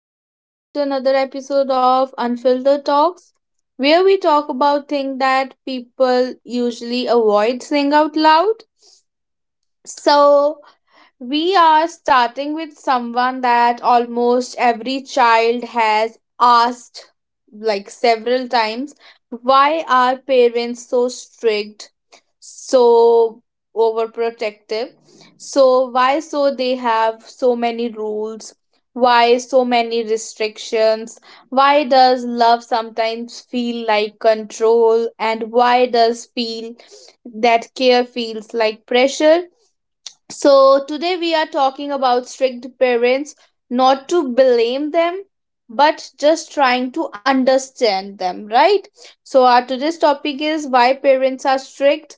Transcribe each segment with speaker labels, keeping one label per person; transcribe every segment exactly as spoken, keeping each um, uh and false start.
Speaker 1: Welcome back to another episode of Unfiltered Talks, where we talk about things that people usually avoid saying out loud. So, we are starting with someone that almost every child has asked, like, several times: why are parents so strict, so overprotective, so why so they have so many rules, why so many restrictions, why does love sometimes feel like control, and why does feel that care feels like pressure? So today we are talking about strict parents, not to blame them, but just trying to understand them, right? So, our today's topic is why parents are strict.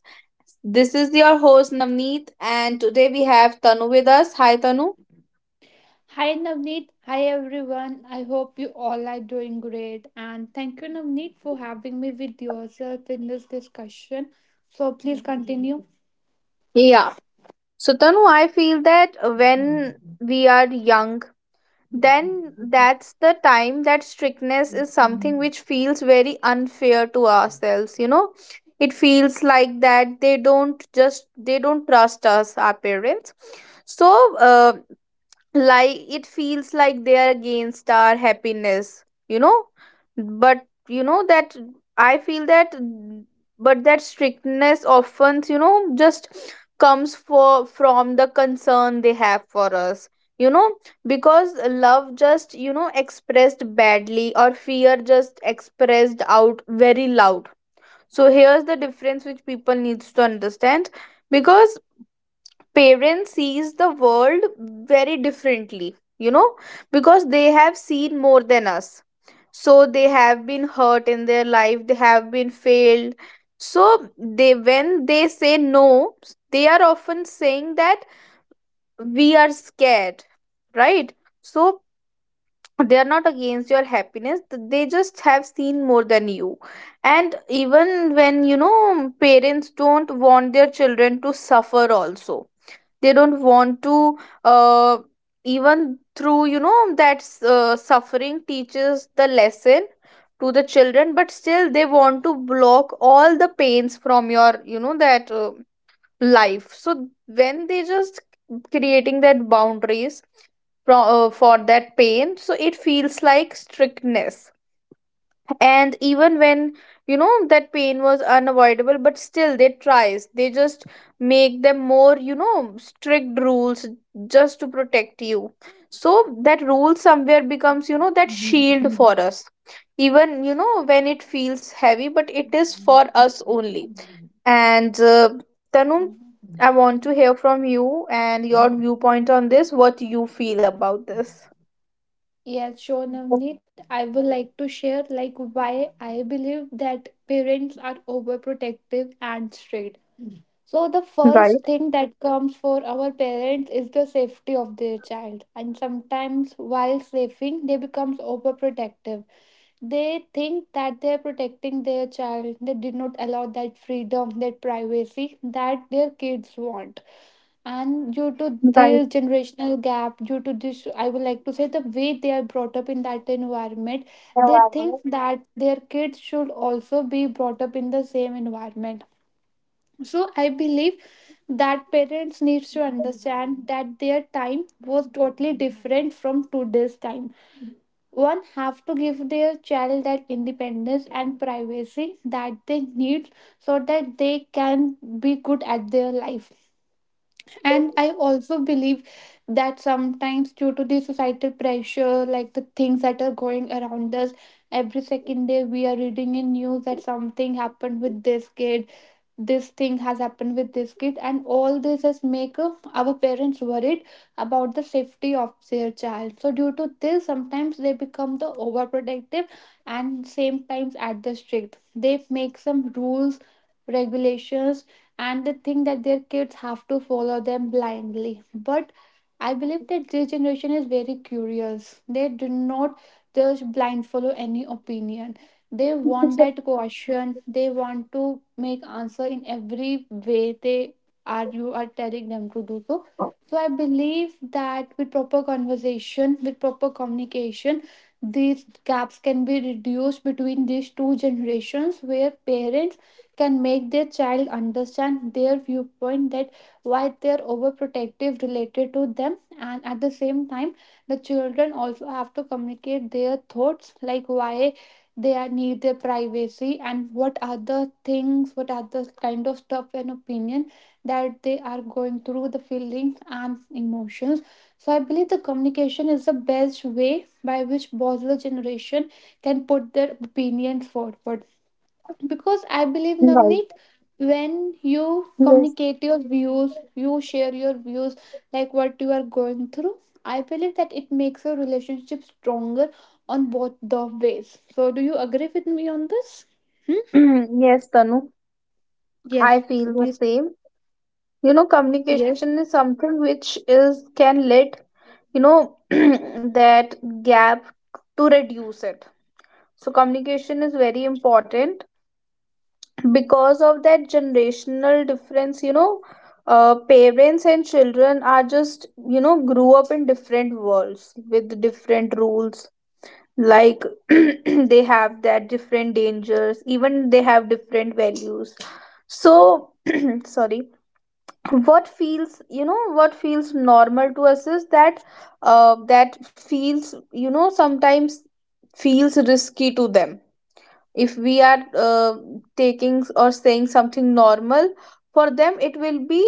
Speaker 1: This is your host Navneet, and today we have Tanu with us. Hi, Tanu.
Speaker 2: Hi Navneet, hi everyone. I hope you all are doing great and thank you Navneet for having me with yourself in this discussion. So please continue.
Speaker 1: Yeah. So, Tanu, I feel that when we are young, then that's the time that strictness is something which feels very unfair to ourselves, you know. It feels like that they don't just they don't trust us, our parents. So uh, like, it feels like they are against our happiness, you know. But you know that I feel that mm, but that strictness often, you know, just comes for from the concern they have for us, you know, because love just, you know, expressed badly or fear just expressed out very loud. So here's the difference which people needs to understand, because parents sees the world very differently, you know, because they have seen more than us. So they have been hurt in their life, they have been failed. So they, when they say no, they are often saying that we are scared, right? So they are not against your happiness. Th- they just have seen more than you. And even, when you know, parents don't want their children to suffer also, they don't want to, uh, even through, you know, that uh, suffering teaches the lesson to the children, but still they want to block all the pains from your, you know, that uh, life. So when they just creating that boundaries from, uh, for that pain, so it feels like strictness. And even when, you know, that pain was unavoidable, but still they tries, they just make them more, you know, strict rules, just to protect you. So that rule somewhere becomes, you know, that shield for us, even, you know, when it feels heavy, but it is for us only. And uh, Tanu, I want to hear from you and your viewpoint on this, what you feel about this.
Speaker 2: Yes, sure Navneet. I would like to share like why I believe that parents are overprotective and strict. So the
Speaker 1: Right,
Speaker 2: first thing that comes for our parents is the safety of their child, and sometimes while safing they becomes overprotective. They think that they're protecting their child. They did not allow that freedom, that privacy that their kids want. And due
Speaker 1: right.
Speaker 2: to this generational gap, due to this I would like to say the way they are brought up in that environment,
Speaker 1: Now I
Speaker 2: they think that their kids should also be brought up in the same environment. So I believe that parents needs to understand that their time was totally different from today's time. One have to give their child that independence and privacy that they need, so that they can be good at their life. And I also believe that sometimes, due to the societal pressure, like the things that are going around us, every second day we are reading in news that something happened with this kid, this thing has happened with this kid, and all this has make uh, our parents worried about the safety of their child. So, due to this, sometimes they become the overprotective, and same times at the strict. They make some rules, regulations, and they think that their kids have to follow them blindly. But I believe that this generation is very curious. They do not just blind follow any opinion. They want that question. They want to make answer in every way they are you are telling them to do so. So I believe that with proper conversation, with proper communication, these gaps can be reduced between these two generations, where parents can make their child understand their viewpoint, that why they're overprotective related to them, and at the same time the children also have to communicate their thoughts, like why they are need their privacy, and what are the things, what are the kind of stuff and opinion that they are going through, the feelings and emotions. So I believe the communication is the best way by which both the generation can put their opinions forward. Because I believe
Speaker 1: Right.
Speaker 2: Navneet, when you
Speaker 1: Yes.
Speaker 2: communicate your views, you share your views, like what you are going through, I believe that it makes your relationship stronger on both the ways. So do you agree with me on this, hmm?
Speaker 1: Yes, Tanu,
Speaker 2: Yes,
Speaker 1: I
Speaker 2: so
Speaker 1: feel the
Speaker 2: please.
Speaker 1: same. You know,
Speaker 2: Yes,
Speaker 1: communication is something which is can let, you know, that gap to reduce it. So communication is very important because of that generational difference, you know. Uh, parents and children are just, you know, grew up in different worlds with different rules, like, they have that different dangers, even they have different values. So sorry, what feels, you know, what feels normal to us is that uh, that feels, you know, sometimes feels risky to them. If we are uh, taking or saying something normal, for them it will be,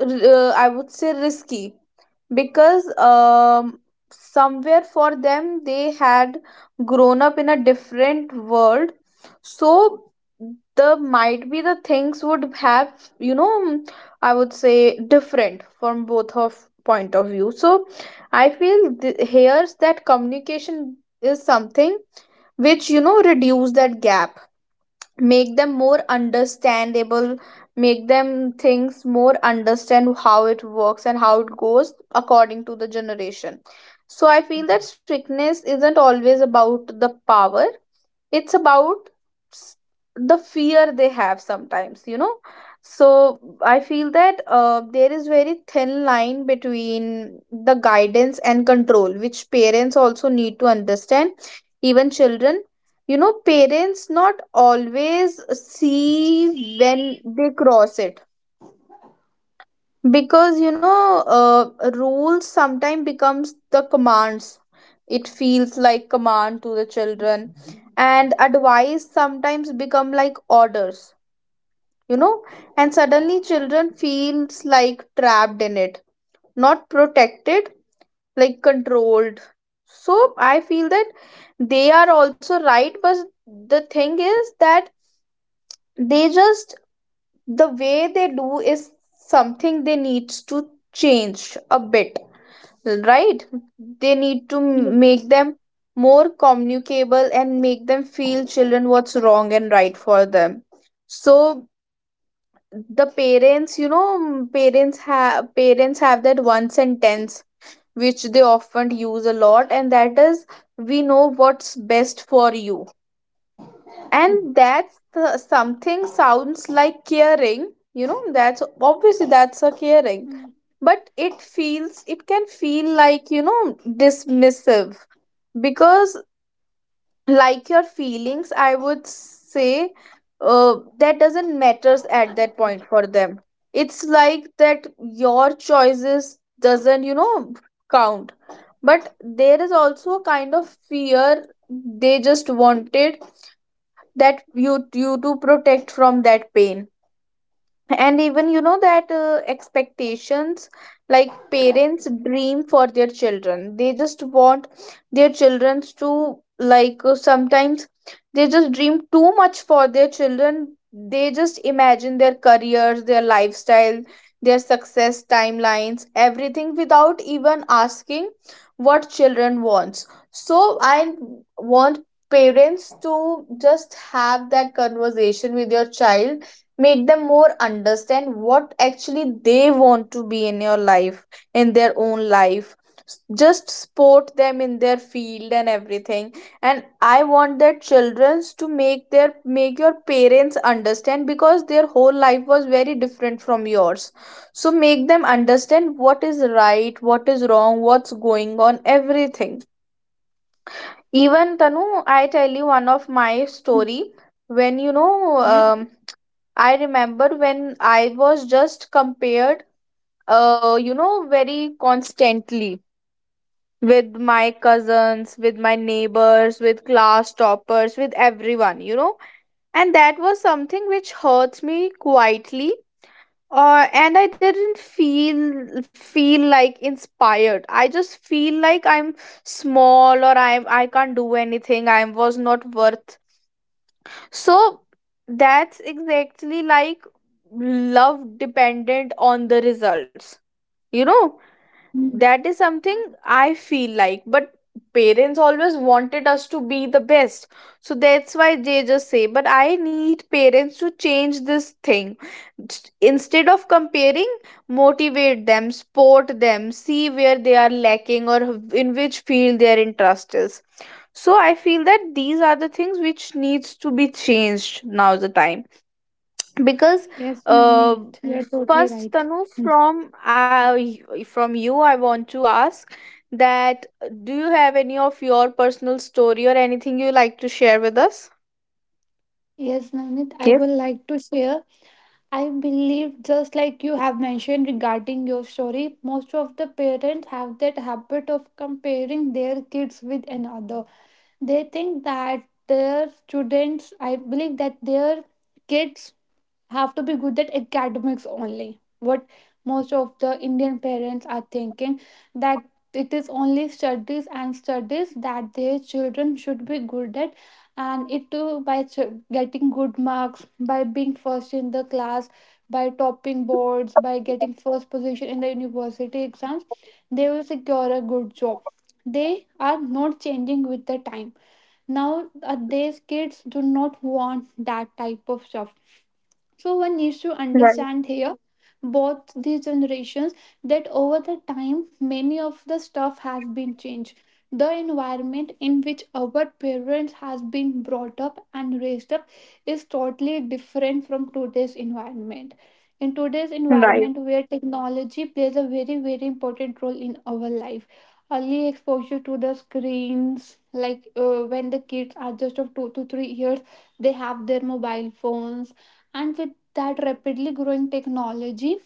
Speaker 1: uh, I would say, risky. Because um, somewhere for them they had grown up in a different world. So the might be the things would have, you know, I would say, different from both of point of view. So I feel th- here's that communication is something which, you know, reduce that gap, make them more understandable, make them things more understand how it works and how it goes according to the generation. So I feel that strictness isn't always about the power, it's about s- the fear they have sometimes, you know. So I feel that uh, there is very thin line between the guidance and control which parents also need to understand, even children. You know, parents not always see when they cross it, because, you know, uh, rules sometimes becomes the commands, it feels like command to the children, and advice sometimes become like orders, you know. And suddenly children feels like trapped in it, not protected, like controlled. So I feel that they are also right, but the thing is that they just the way they do is something they needs to change a bit, right? They need to
Speaker 2: yes.
Speaker 1: make them more communicable and make them feel children what's wrong and right for them. So the parents, you know, mm, parents have parents have that one sentence which they often use a lot, and that is, we know what's best for you. And that's the, something sounds like caring, you know, that's obviously, that's a caring,
Speaker 2: Mm.
Speaker 1: but it feels, it can feel like, you know, dismissive, because, like, your feelings, I would say, uh, that doesn't matters at that point for them. It's like that your choices doesn't, you know, count. But there is also a kind of fear, they just wanted that you you to protect from that pain. And even, you know, that uh, expectations, like parents dream for their children, they just want their children to, like, uh, sometimes they just dream too much for their children, they just imagine their careers, their lifestyle, their success timelines, everything, without even asking what children wants. So I want parents to just have that conversation with your child, make them more understand what actually they want to be in your life, in their own life. S- just support them in their field and everything. And I want their childrens to make their make your parents understand, because their whole life was very different from yours. So make them understand what is right, what is wrong, what's going on, everything. Even Tanu, I tell you one of my
Speaker 2: Mm.
Speaker 1: story, when you know,
Speaker 2: Yes.
Speaker 1: um, I remember when I was just compared, uh, you know, very constantly, with my cousins, with my neighbors, with class toppers, with everyone, you know, and that was something which hurts me quietly. Uh, and I didn't feel feel like inspired. I just feel like I'm small, or I'm I can't do anything. I was not worth. So that's exactly like love dependent on the results. You know,
Speaker 2: Mm.
Speaker 1: that is something I feel like. But parents always wanted us to be the best. So that's why they just say, but I need parents to change this thing. St- Instead of comparing, motivate them, support them, see where they are lacking or in which field their interest is. So I feel that these are the things which needs to be changed now the time, because
Speaker 2: Yes
Speaker 1: uh
Speaker 2: Navneet, you're totally
Speaker 1: first
Speaker 2: right.
Speaker 1: Tanu,
Speaker 2: Mm.
Speaker 1: from i from you I want to ask that, uh, do you have any of your personal story or anything you like to share with us?
Speaker 2: Yes Navneet, I
Speaker 1: Yes,
Speaker 2: would like to share. I believe, just like you have mentioned regarding your story, most of the parents have that habit of comparing their kids with another. They think that their students, I believe that their kids have to be good at academics only. What most of the Indian parents are thinking that it is only studies and studies that their children should be good at, and it too by ch- getting good marks, by being first in the class, by topping boards, by getting first position in the university exams, they will secure a good job. They are not changing with the time. Now, uh, these kids do not want that type of stuff, so one needs to
Speaker 1: right,
Speaker 2: understand here both these generations that over the time many of the stuff has been changed. The environment in which our parents has been brought up and raised up is totally different from today's environment. In today's
Speaker 1: right,
Speaker 2: environment, where technology plays a very very important role in our life. Early exposure to the screens, like uh, when the kids are just of two to three years, they have their mobile phones, and with that rapidly growing technology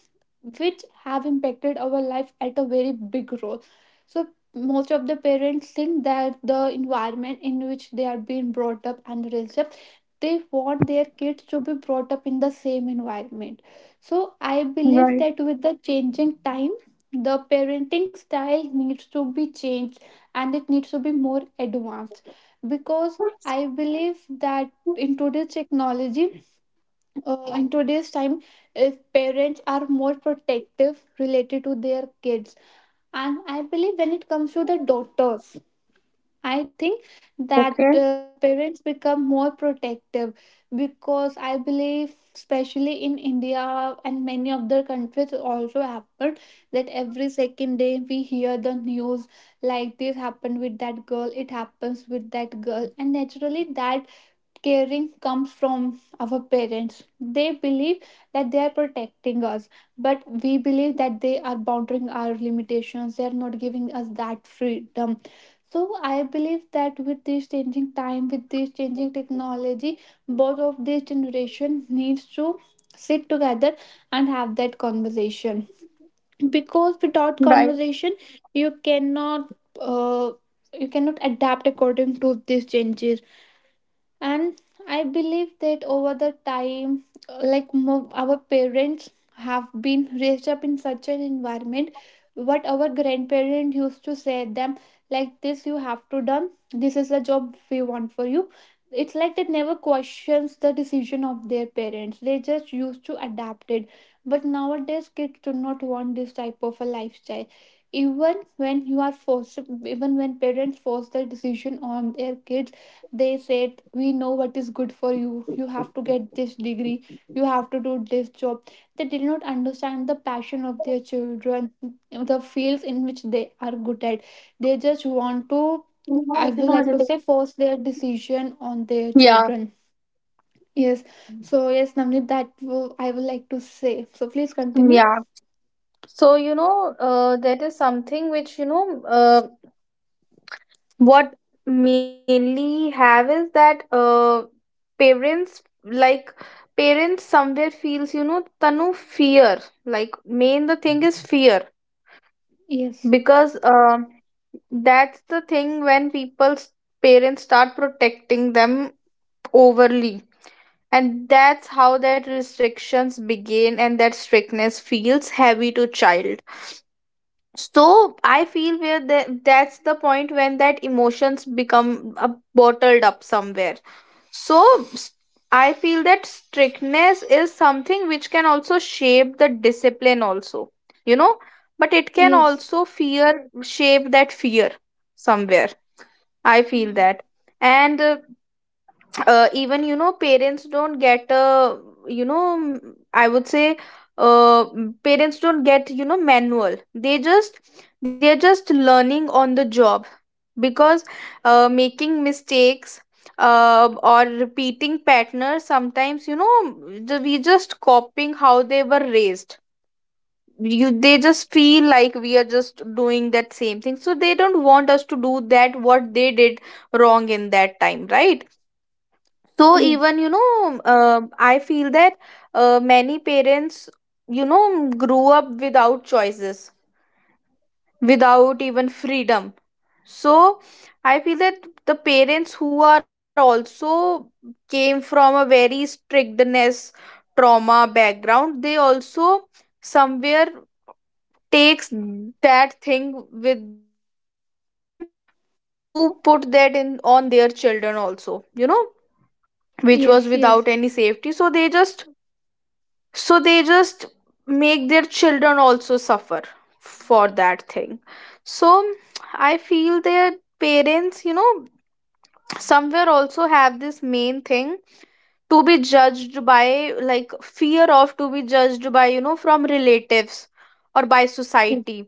Speaker 2: which have impacted our life at a very big role. So most of the parents think that the environment in which they are being brought up and raised up, they want their kids to be brought up in the same environment. So I believe that with the changing time, the parenting style needs to be changed, and it needs to be more advanced. Because I believe that in today's technology, uh, in today's time, if parents are more protective related to their kids, and I believe when it comes to the daughters, I think that
Speaker 1: okay,
Speaker 2: uh, parents become more protective, because I believe, especially in India and many other countries, also happened that every second day we hear the news, like this happened with that girl, it happens with that girl, and naturally that caring comes from our parents. They believe that they are protecting us, but we believe that they are bounding our limitations. They are not giving us that freedom. So I believe that with this changing time, with this changing technology, both of these generation needs to sit together and have that conversation. Because
Speaker 1: right.
Speaker 2: without conversation, you cannot uh, you cannot adapt according to these changes. And I believe that over the time uh, like mo- our parents have been raised up in such an environment, what our grandparents used to say them, like this you have to done, this is the job we want for you. It's like they never questions the decision of their parents, they just used to adapt it. But nowadays kids do not want this type of a lifestyle. Even when you are forced, even when parents force the decision on their kids, they said we know what is good for you, you have to get this degree, you have to do this job. They did not understand the passion of their children, the fields in which they are good at. They just want to, I would like to say, force their decision on their
Speaker 1: Yeah,
Speaker 2: children. Yes. So yes Namni, that wo- I would like to say, so please continue.
Speaker 1: yeah. So, you know, uh, that is something which, you know, uh. What mainly have is that uh, parents, like, parents somewhere feels, you know, Tanu, fear. Like, main the thing is fear,
Speaker 2: Yes,
Speaker 1: because um that's the thing when people's parents start protecting them overly, and that's how that restrictions begin, and that strictness feels heavy to child. So I feel where the, that's the point when that emotions become uh, bottled up somewhere. So s- I feel that strictness is something which can also shape the discipline also, you know, but it can
Speaker 2: yes.
Speaker 1: also fear shape that fear somewhere, I feel
Speaker 2: Mm.
Speaker 1: that. And uh, uh, even, you know, parents don't get, uh, you know, m- I would say, uh, m- parents don't get, you know, manual, they just they're just learning on the job, because uh, making mistakes, uh, or repeating patterns sometimes, you know, the- we just copying how they were raised. You they just feel like we are just doing that same thing, so they don't want us to do that what they did wrong in that time, right? So
Speaker 2: Yes,
Speaker 1: even, you know, um I feel that uh, many parents, you know, grew up without choices, without even freedom. So I feel that the parents who are also came from a very strictness trauma background, they also somewhere takes that thing with them to put that in on their children also, you know, which was without
Speaker 2: yes.
Speaker 1: any
Speaker 2: Yes.
Speaker 1: safety. So they just, so they just make their children also suffer for that thing. So I feel their parents, you know, somewhere also have this main thing, to be judged by, like, fear of to be judged by, you know, from relatives or by
Speaker 2: Yes
Speaker 1: society,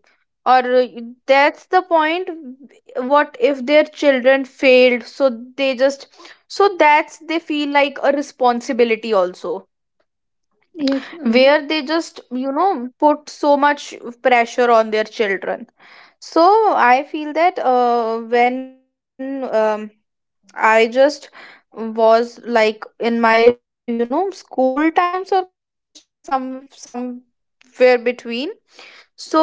Speaker 1: or uh, that's the point, what if their children failed? So they just, so that's they feel like a responsibility also,
Speaker 2: yes namni.
Speaker 1: where they just, you know, put so much pressure on their children. So I feel that uh, when um, I just was like in my, you know, school times or college time, some somewhere between, so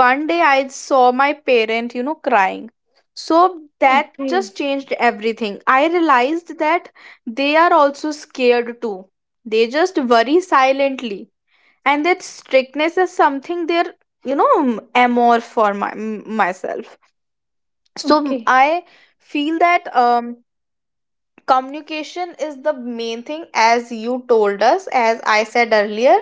Speaker 1: one day I saw my parent, you know, crying. So that
Speaker 2: Okay.
Speaker 1: just changed everything. I realized that they are also scared too, they just worry silently, and that strictness is something they're You know m- amor for my m- myself so m-
Speaker 2: Okay.
Speaker 1: i feel that um communication is the main thing, as you told us, as I said earlier,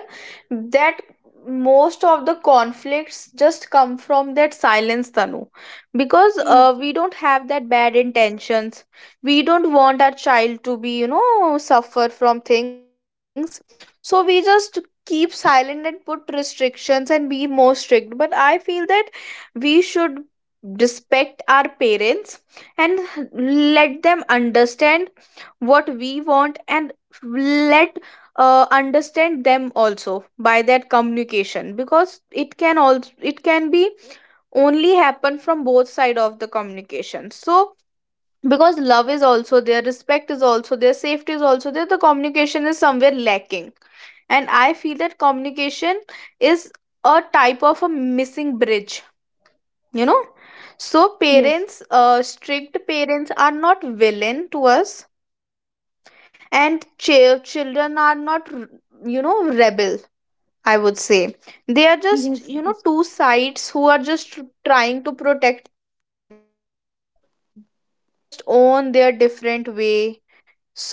Speaker 1: that most of the conflicts just come from that silence, Tanu, because uh,
Speaker 2: Yes.
Speaker 1: we don't have that bad intentions. We don't want our child to be, you know, suffer from things, so we just keep silent and put restrictions and be more strict, but I feel that we should respect our parents and let them understand what we want, and let uh, understand them also by that communication, because it can also it can be only happen from both side of the communication. So because love is also there, respect is also there, safety is also there, the communication is somewhere lacking. And I feel that communication is a type of a missing bridge, you know. So
Speaker 2: Yes.
Speaker 1: parents, uh, strict parents are not villain to us, and ch- children are not r- you know, rebel, I would say. They are just, you
Speaker 2: Yes,
Speaker 1: know, two sides who are just tr- trying to protect themselves in just own their different way. So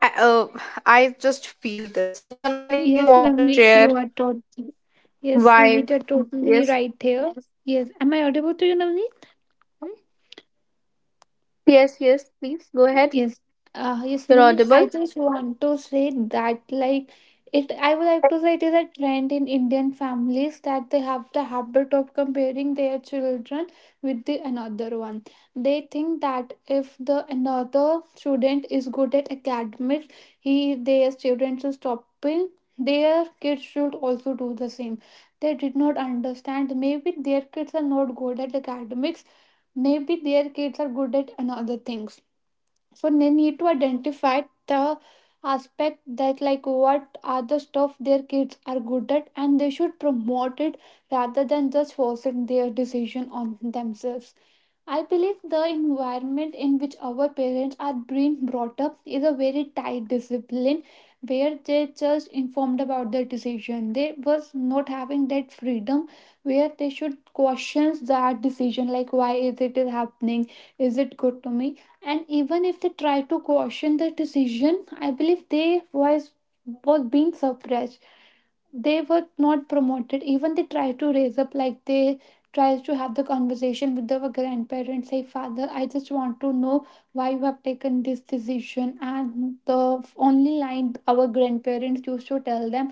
Speaker 1: I, uh, I just feel this. So Tanu, anything you
Speaker 2: yes,
Speaker 1: want to
Speaker 2: Navneet,
Speaker 1: share?
Speaker 2: you are totally, yes,
Speaker 1: Why?
Speaker 2: Navneet, you're totally
Speaker 1: Yes,
Speaker 2: right here. Yes, am I audible to you, Navneet?
Speaker 1: yes yes please go ahead.
Speaker 2: Yes, uh, yes,
Speaker 1: You're
Speaker 2: Namit. I
Speaker 1: audible.
Speaker 2: just want to say that, like, it. I would like to say it is a trend in Indian families that they have the habit of comparing their children with the another one. They think that if the another student is good at academics, he their students is topping, their kids should also do the same. They did not understand, maybe their kids are not good at academics. Maybe their kids are good at another things, so they need to identify the aspect that, like what are the stuff their kids are good at, and they should promote it rather than just forcing their decision on themselves. I believe the environment in which our parents are being brought up is a very tight discipline, where they just informed about their decision. They was not having that freedom where they should question that decision, like why is it is happening? Is it good to me? And even if they try to question the decision, I believe they was was being suppressed, they were not promoted. Even they try to raise up, like they tries to have the conversation with their grandparents, say father I just want to know why you have taken this decision, and the only line our grandparents used to tell them,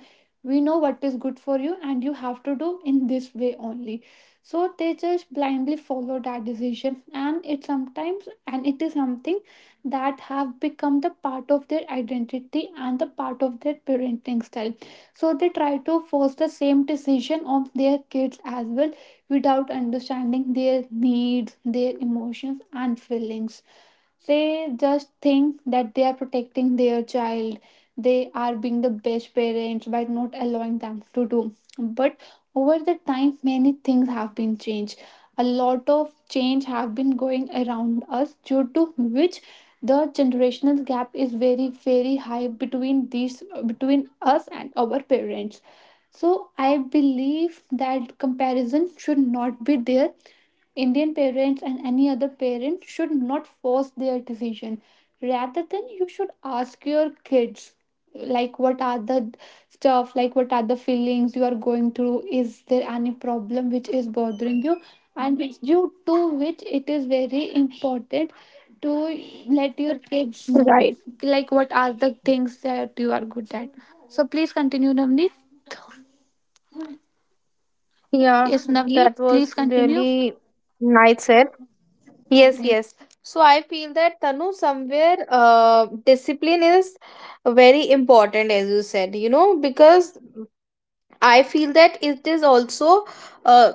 Speaker 2: we know what is good for you and you have to do in this way only. So they just blindly follow that decision, and it sometimes and it is something that have become the part of their identity and the part of their parenting style. So they try to force the same decision on their kids as well, without understanding their needs, their emotions and feelings. They just think that they are protecting their child, they are being the best parents by not allowing them to do. But over the time many things have been changed, a lot of change have been going around us, due to which the generational gap is very very high between these, between us and our parents. So I believe that comparison should not be there. Indian parents and any other parent should not force their decision. Rather than you should ask your kids, like what are the stuff, like what are the feelings you are going through, is there any problem which is bothering you? And it's due to which it is very important to let your kids know
Speaker 1: Right,
Speaker 2: like what are the things that you are good at. So please continue, Navneet.
Speaker 1: yeah,
Speaker 2: Yes, Navneet,
Speaker 1: that
Speaker 2: please
Speaker 1: was
Speaker 2: continue.
Speaker 1: really nice said. Yes, yes. So I feel that, Tanu, somewhere uh, discipline is very important, as you said, you know, because I feel that it is also uh,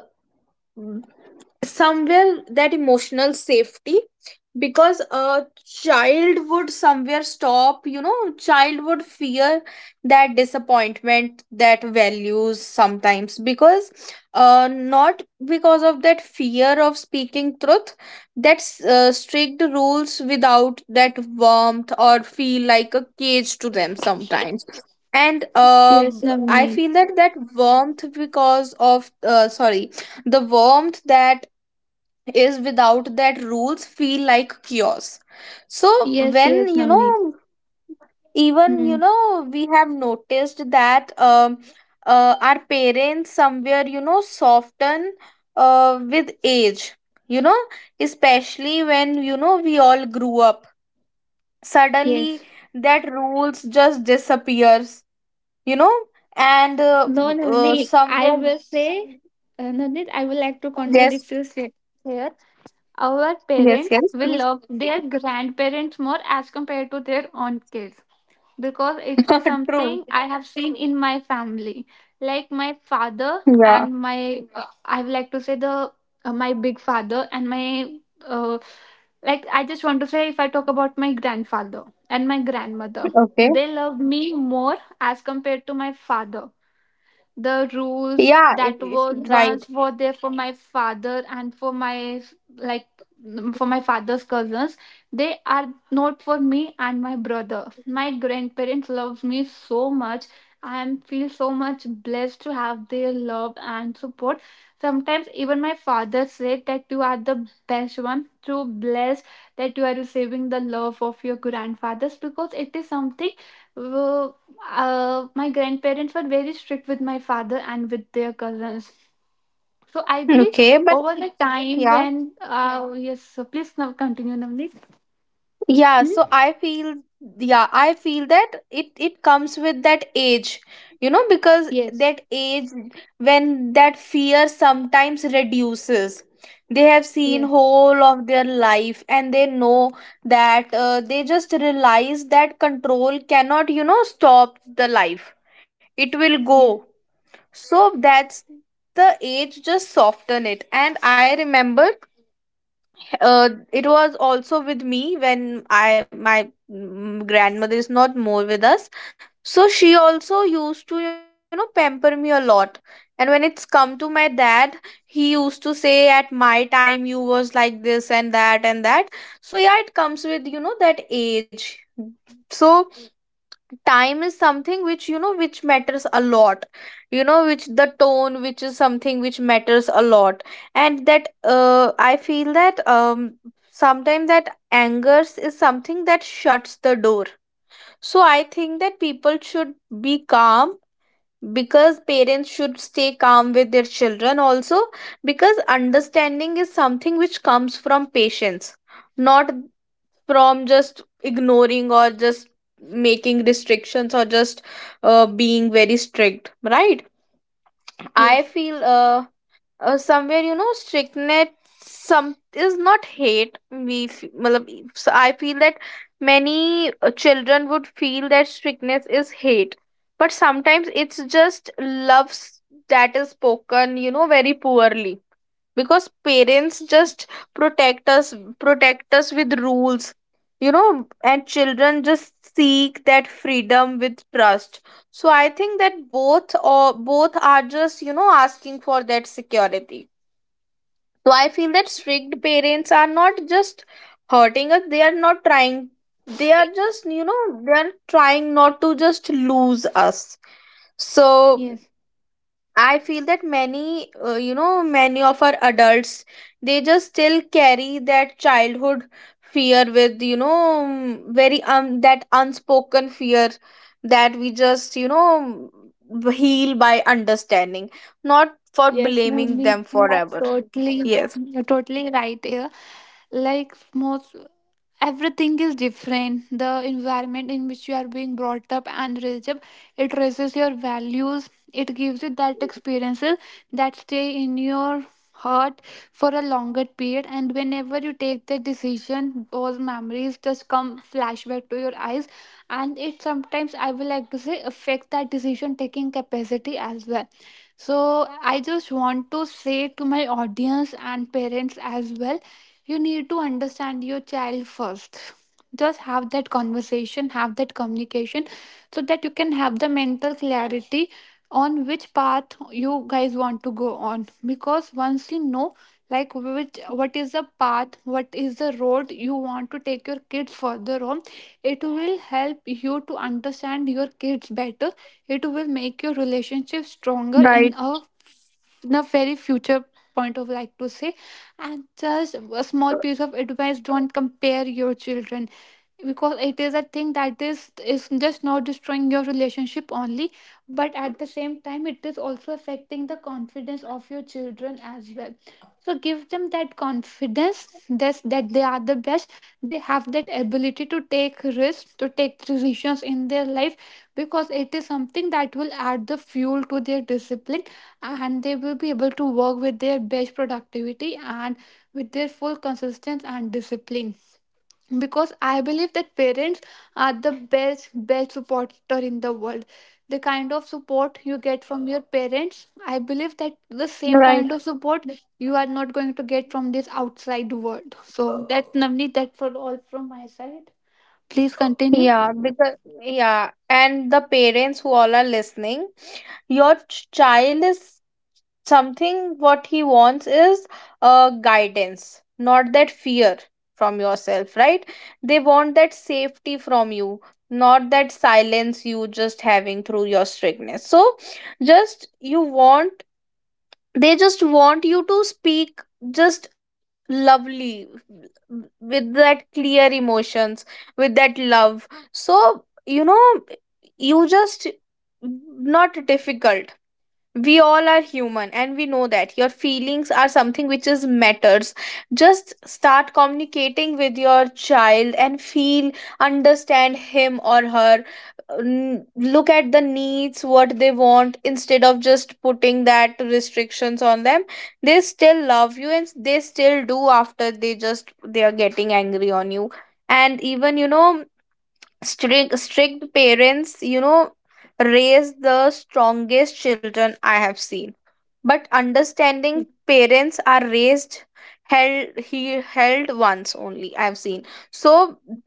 Speaker 1: somewhere that emotional safety, because a child would somewhere stop, you know, child would fear that disappointment, that values sometimes, because uh not because of that fear of speaking truth. That's uh, strict rules without that warmth or feel like a cage to them sometimes. And uh,
Speaker 2: Yes,
Speaker 1: I
Speaker 2: Navneet.
Speaker 1: feel that that warmth because of uh, sorry, the warmth that is without that rules feel like chaos. So
Speaker 2: Yes,
Speaker 1: when
Speaker 2: yes,
Speaker 1: you
Speaker 2: Navneet.
Speaker 1: know, even
Speaker 2: Hmm.
Speaker 1: you know we have noticed that um uh, our parents somewhere, you know, soften uh, with age, you know, especially when, you know, we all grew up suddenly,
Speaker 2: Yes.
Speaker 1: that rules just disappears, you know. And uh,
Speaker 2: No,
Speaker 1: uh,
Speaker 2: Navneet, I
Speaker 1: somewhere.
Speaker 2: will say, uh, Navneet, I would like to
Speaker 1: Yes,
Speaker 2: contradict you se- here. Our
Speaker 1: yes,
Speaker 2: parents
Speaker 1: yes,
Speaker 2: will
Speaker 1: please.
Speaker 2: love their grandparents more as compared to their own kids. Because it is
Speaker 1: True.
Speaker 2: something I have seen in my family. Like my father
Speaker 1: Yeah,
Speaker 2: and my, uh, I would like to say the uh, my big father and my, uh, like I just want to say if I talk about my grandfather and my grandmother,
Speaker 1: okay.
Speaker 2: they love me more as compared to my father. The rules
Speaker 1: Yeah, it
Speaker 2: that
Speaker 1: is
Speaker 2: were
Speaker 1: right.
Speaker 2: once were there for my father and for my, like mm, for my father's cousins, they are not for me and my brother. My grandparents love me so much, I am feel so much blessed to have their love and support. Sometimes even my father said that you are the best one to bless, that you are receiving the love of your grandfathers, because it is something uh, uh, my grandparents were very strict with my father and with their cousins. So I believe
Speaker 1: Okay, but
Speaker 2: over the time
Speaker 1: yeah.
Speaker 2: when uh yes, so please now continue, Navneet.
Speaker 1: yeah
Speaker 2: Hmm?
Speaker 1: so i feel, yeah, I feel that it it comes with that age, you know, because
Speaker 2: Yes,
Speaker 1: that age, when that fear sometimes reduces, they have seen
Speaker 2: yes,
Speaker 1: whole of their life and they know that uh, they just realize that control cannot, you know, stop the life, it will go.
Speaker 2: yes,
Speaker 1: So that's the age just soften it. And I remember, uh, it was also with me when I my mm, grandmother is not more with us, so she also used to, you know, pamper me a lot. And when it's come to my dad, he used to say at my time you was like this and that and that. So yeah, it comes with, you know, that age. So time is something which, you know, which matters a lot, you know, which the tone which is something which matters a lot. And that, uh, I feel that um sometimes that angers is something that shuts the door. So I think that people should be calm, because parents should stay calm with their children also, because understanding is something which comes from patience, not from just ignoring or just making restrictions or just uh, being very strict, right? I
Speaker 2: yes,
Speaker 1: feel uh, uh somewhere, you know, strictness some is not hate, we f- matlab. So I feel that many, uh, children would feel that strictness is hate, but sometimes it's just loves that is spoken, you know, very poorly, because parents just protect us, protect us with rules, you know, and children just seek that freedom with trust. So I think that both or both are just, you know, asking for that security. So I feel that strict parents are not just hurting us, they are not trying, they are just, you know, they are trying not to just lose us. So
Speaker 2: yes.
Speaker 1: I feel that many, uh, you know, many of our adults, they just still carry that childhood fear with, you know, mm, very um that unspoken fear, that we just, you know, mm, heal by understanding, not for
Speaker 2: Yes,
Speaker 1: blaming
Speaker 2: Navneet,
Speaker 1: them
Speaker 2: you are
Speaker 1: forever.
Speaker 2: totally,
Speaker 1: Yes.
Speaker 2: you're totally right here. Like most. Everything is different. The environment in which you are being brought up and raised up, it raises your values, it gives you that experiences that stay in your heart for a longer period, and whenever you take that decision, those memories just come flashback to your eyes, and it sometimes I would like to say affect that decision taking capacity as well. So I just want to say to my audience and parents as well, you need to understand your child first. Just have that conversation, have that communication, so that you can have the mental clarity on which path you guys want to go on. Because once you know like which, what is the path, what is the road you want to take your kids further on, it will help you to understand your kids better. It will make your relationship stronger in
Speaker 1: Right,
Speaker 2: a, in a very future point of like to say. And just a small piece of advice, don't compare your children, because it is a thing that is is just not destroying your relationship only, but at the same time it is also affecting the confidence of your children as well. So give them that confidence, this that they are the best. They have that ability to take risks, to take decisions in their life, because it is something that will add the fuel to their discipline, and they will be able to work with their best productivity and with their full consistency and discipline. Because I believe that parents are the best best supporter in the world. The kind of support you get from your parents, I believe that the same
Speaker 1: right.
Speaker 2: kind of support you are not going to get from this outside world. So that's Navneet, that for all from my side, please continue.
Speaker 1: Yeah, because yeah, and the parents who all are listening, your ch- child is something what he wants is uh, guidance, not that fear from yourself, right? They want that safety from you, not that silence you just having through your strictness. So just you want, they just want you to speak just lovely, with that clear emotions, with that love. So you know, you just not difficult. We all are human and we know that your feelings are something which is matters. Just start communicating with your child and feel, understand him or her. N- look at the needs what they want, instead of just putting that restrictions on them. They still love you and they still do after they, just they are getting angry on you. And even, you know, strict strict parents, you know, raise the strongest children I have seen. But understanding parents are raised held he held once only I have seen. So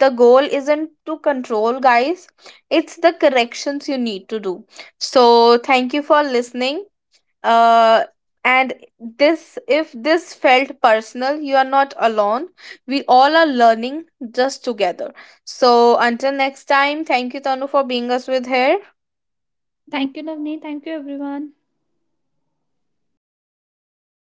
Speaker 1: the goal isn't to control, guys, it's the corrections you need to do. So thank you for listening. uh, and this, if this felt personal, you are not alone. We all are learning just together. So until next time, thank you, Tanu, for being us with here.
Speaker 2: Thank you Navneet, thank you everyone.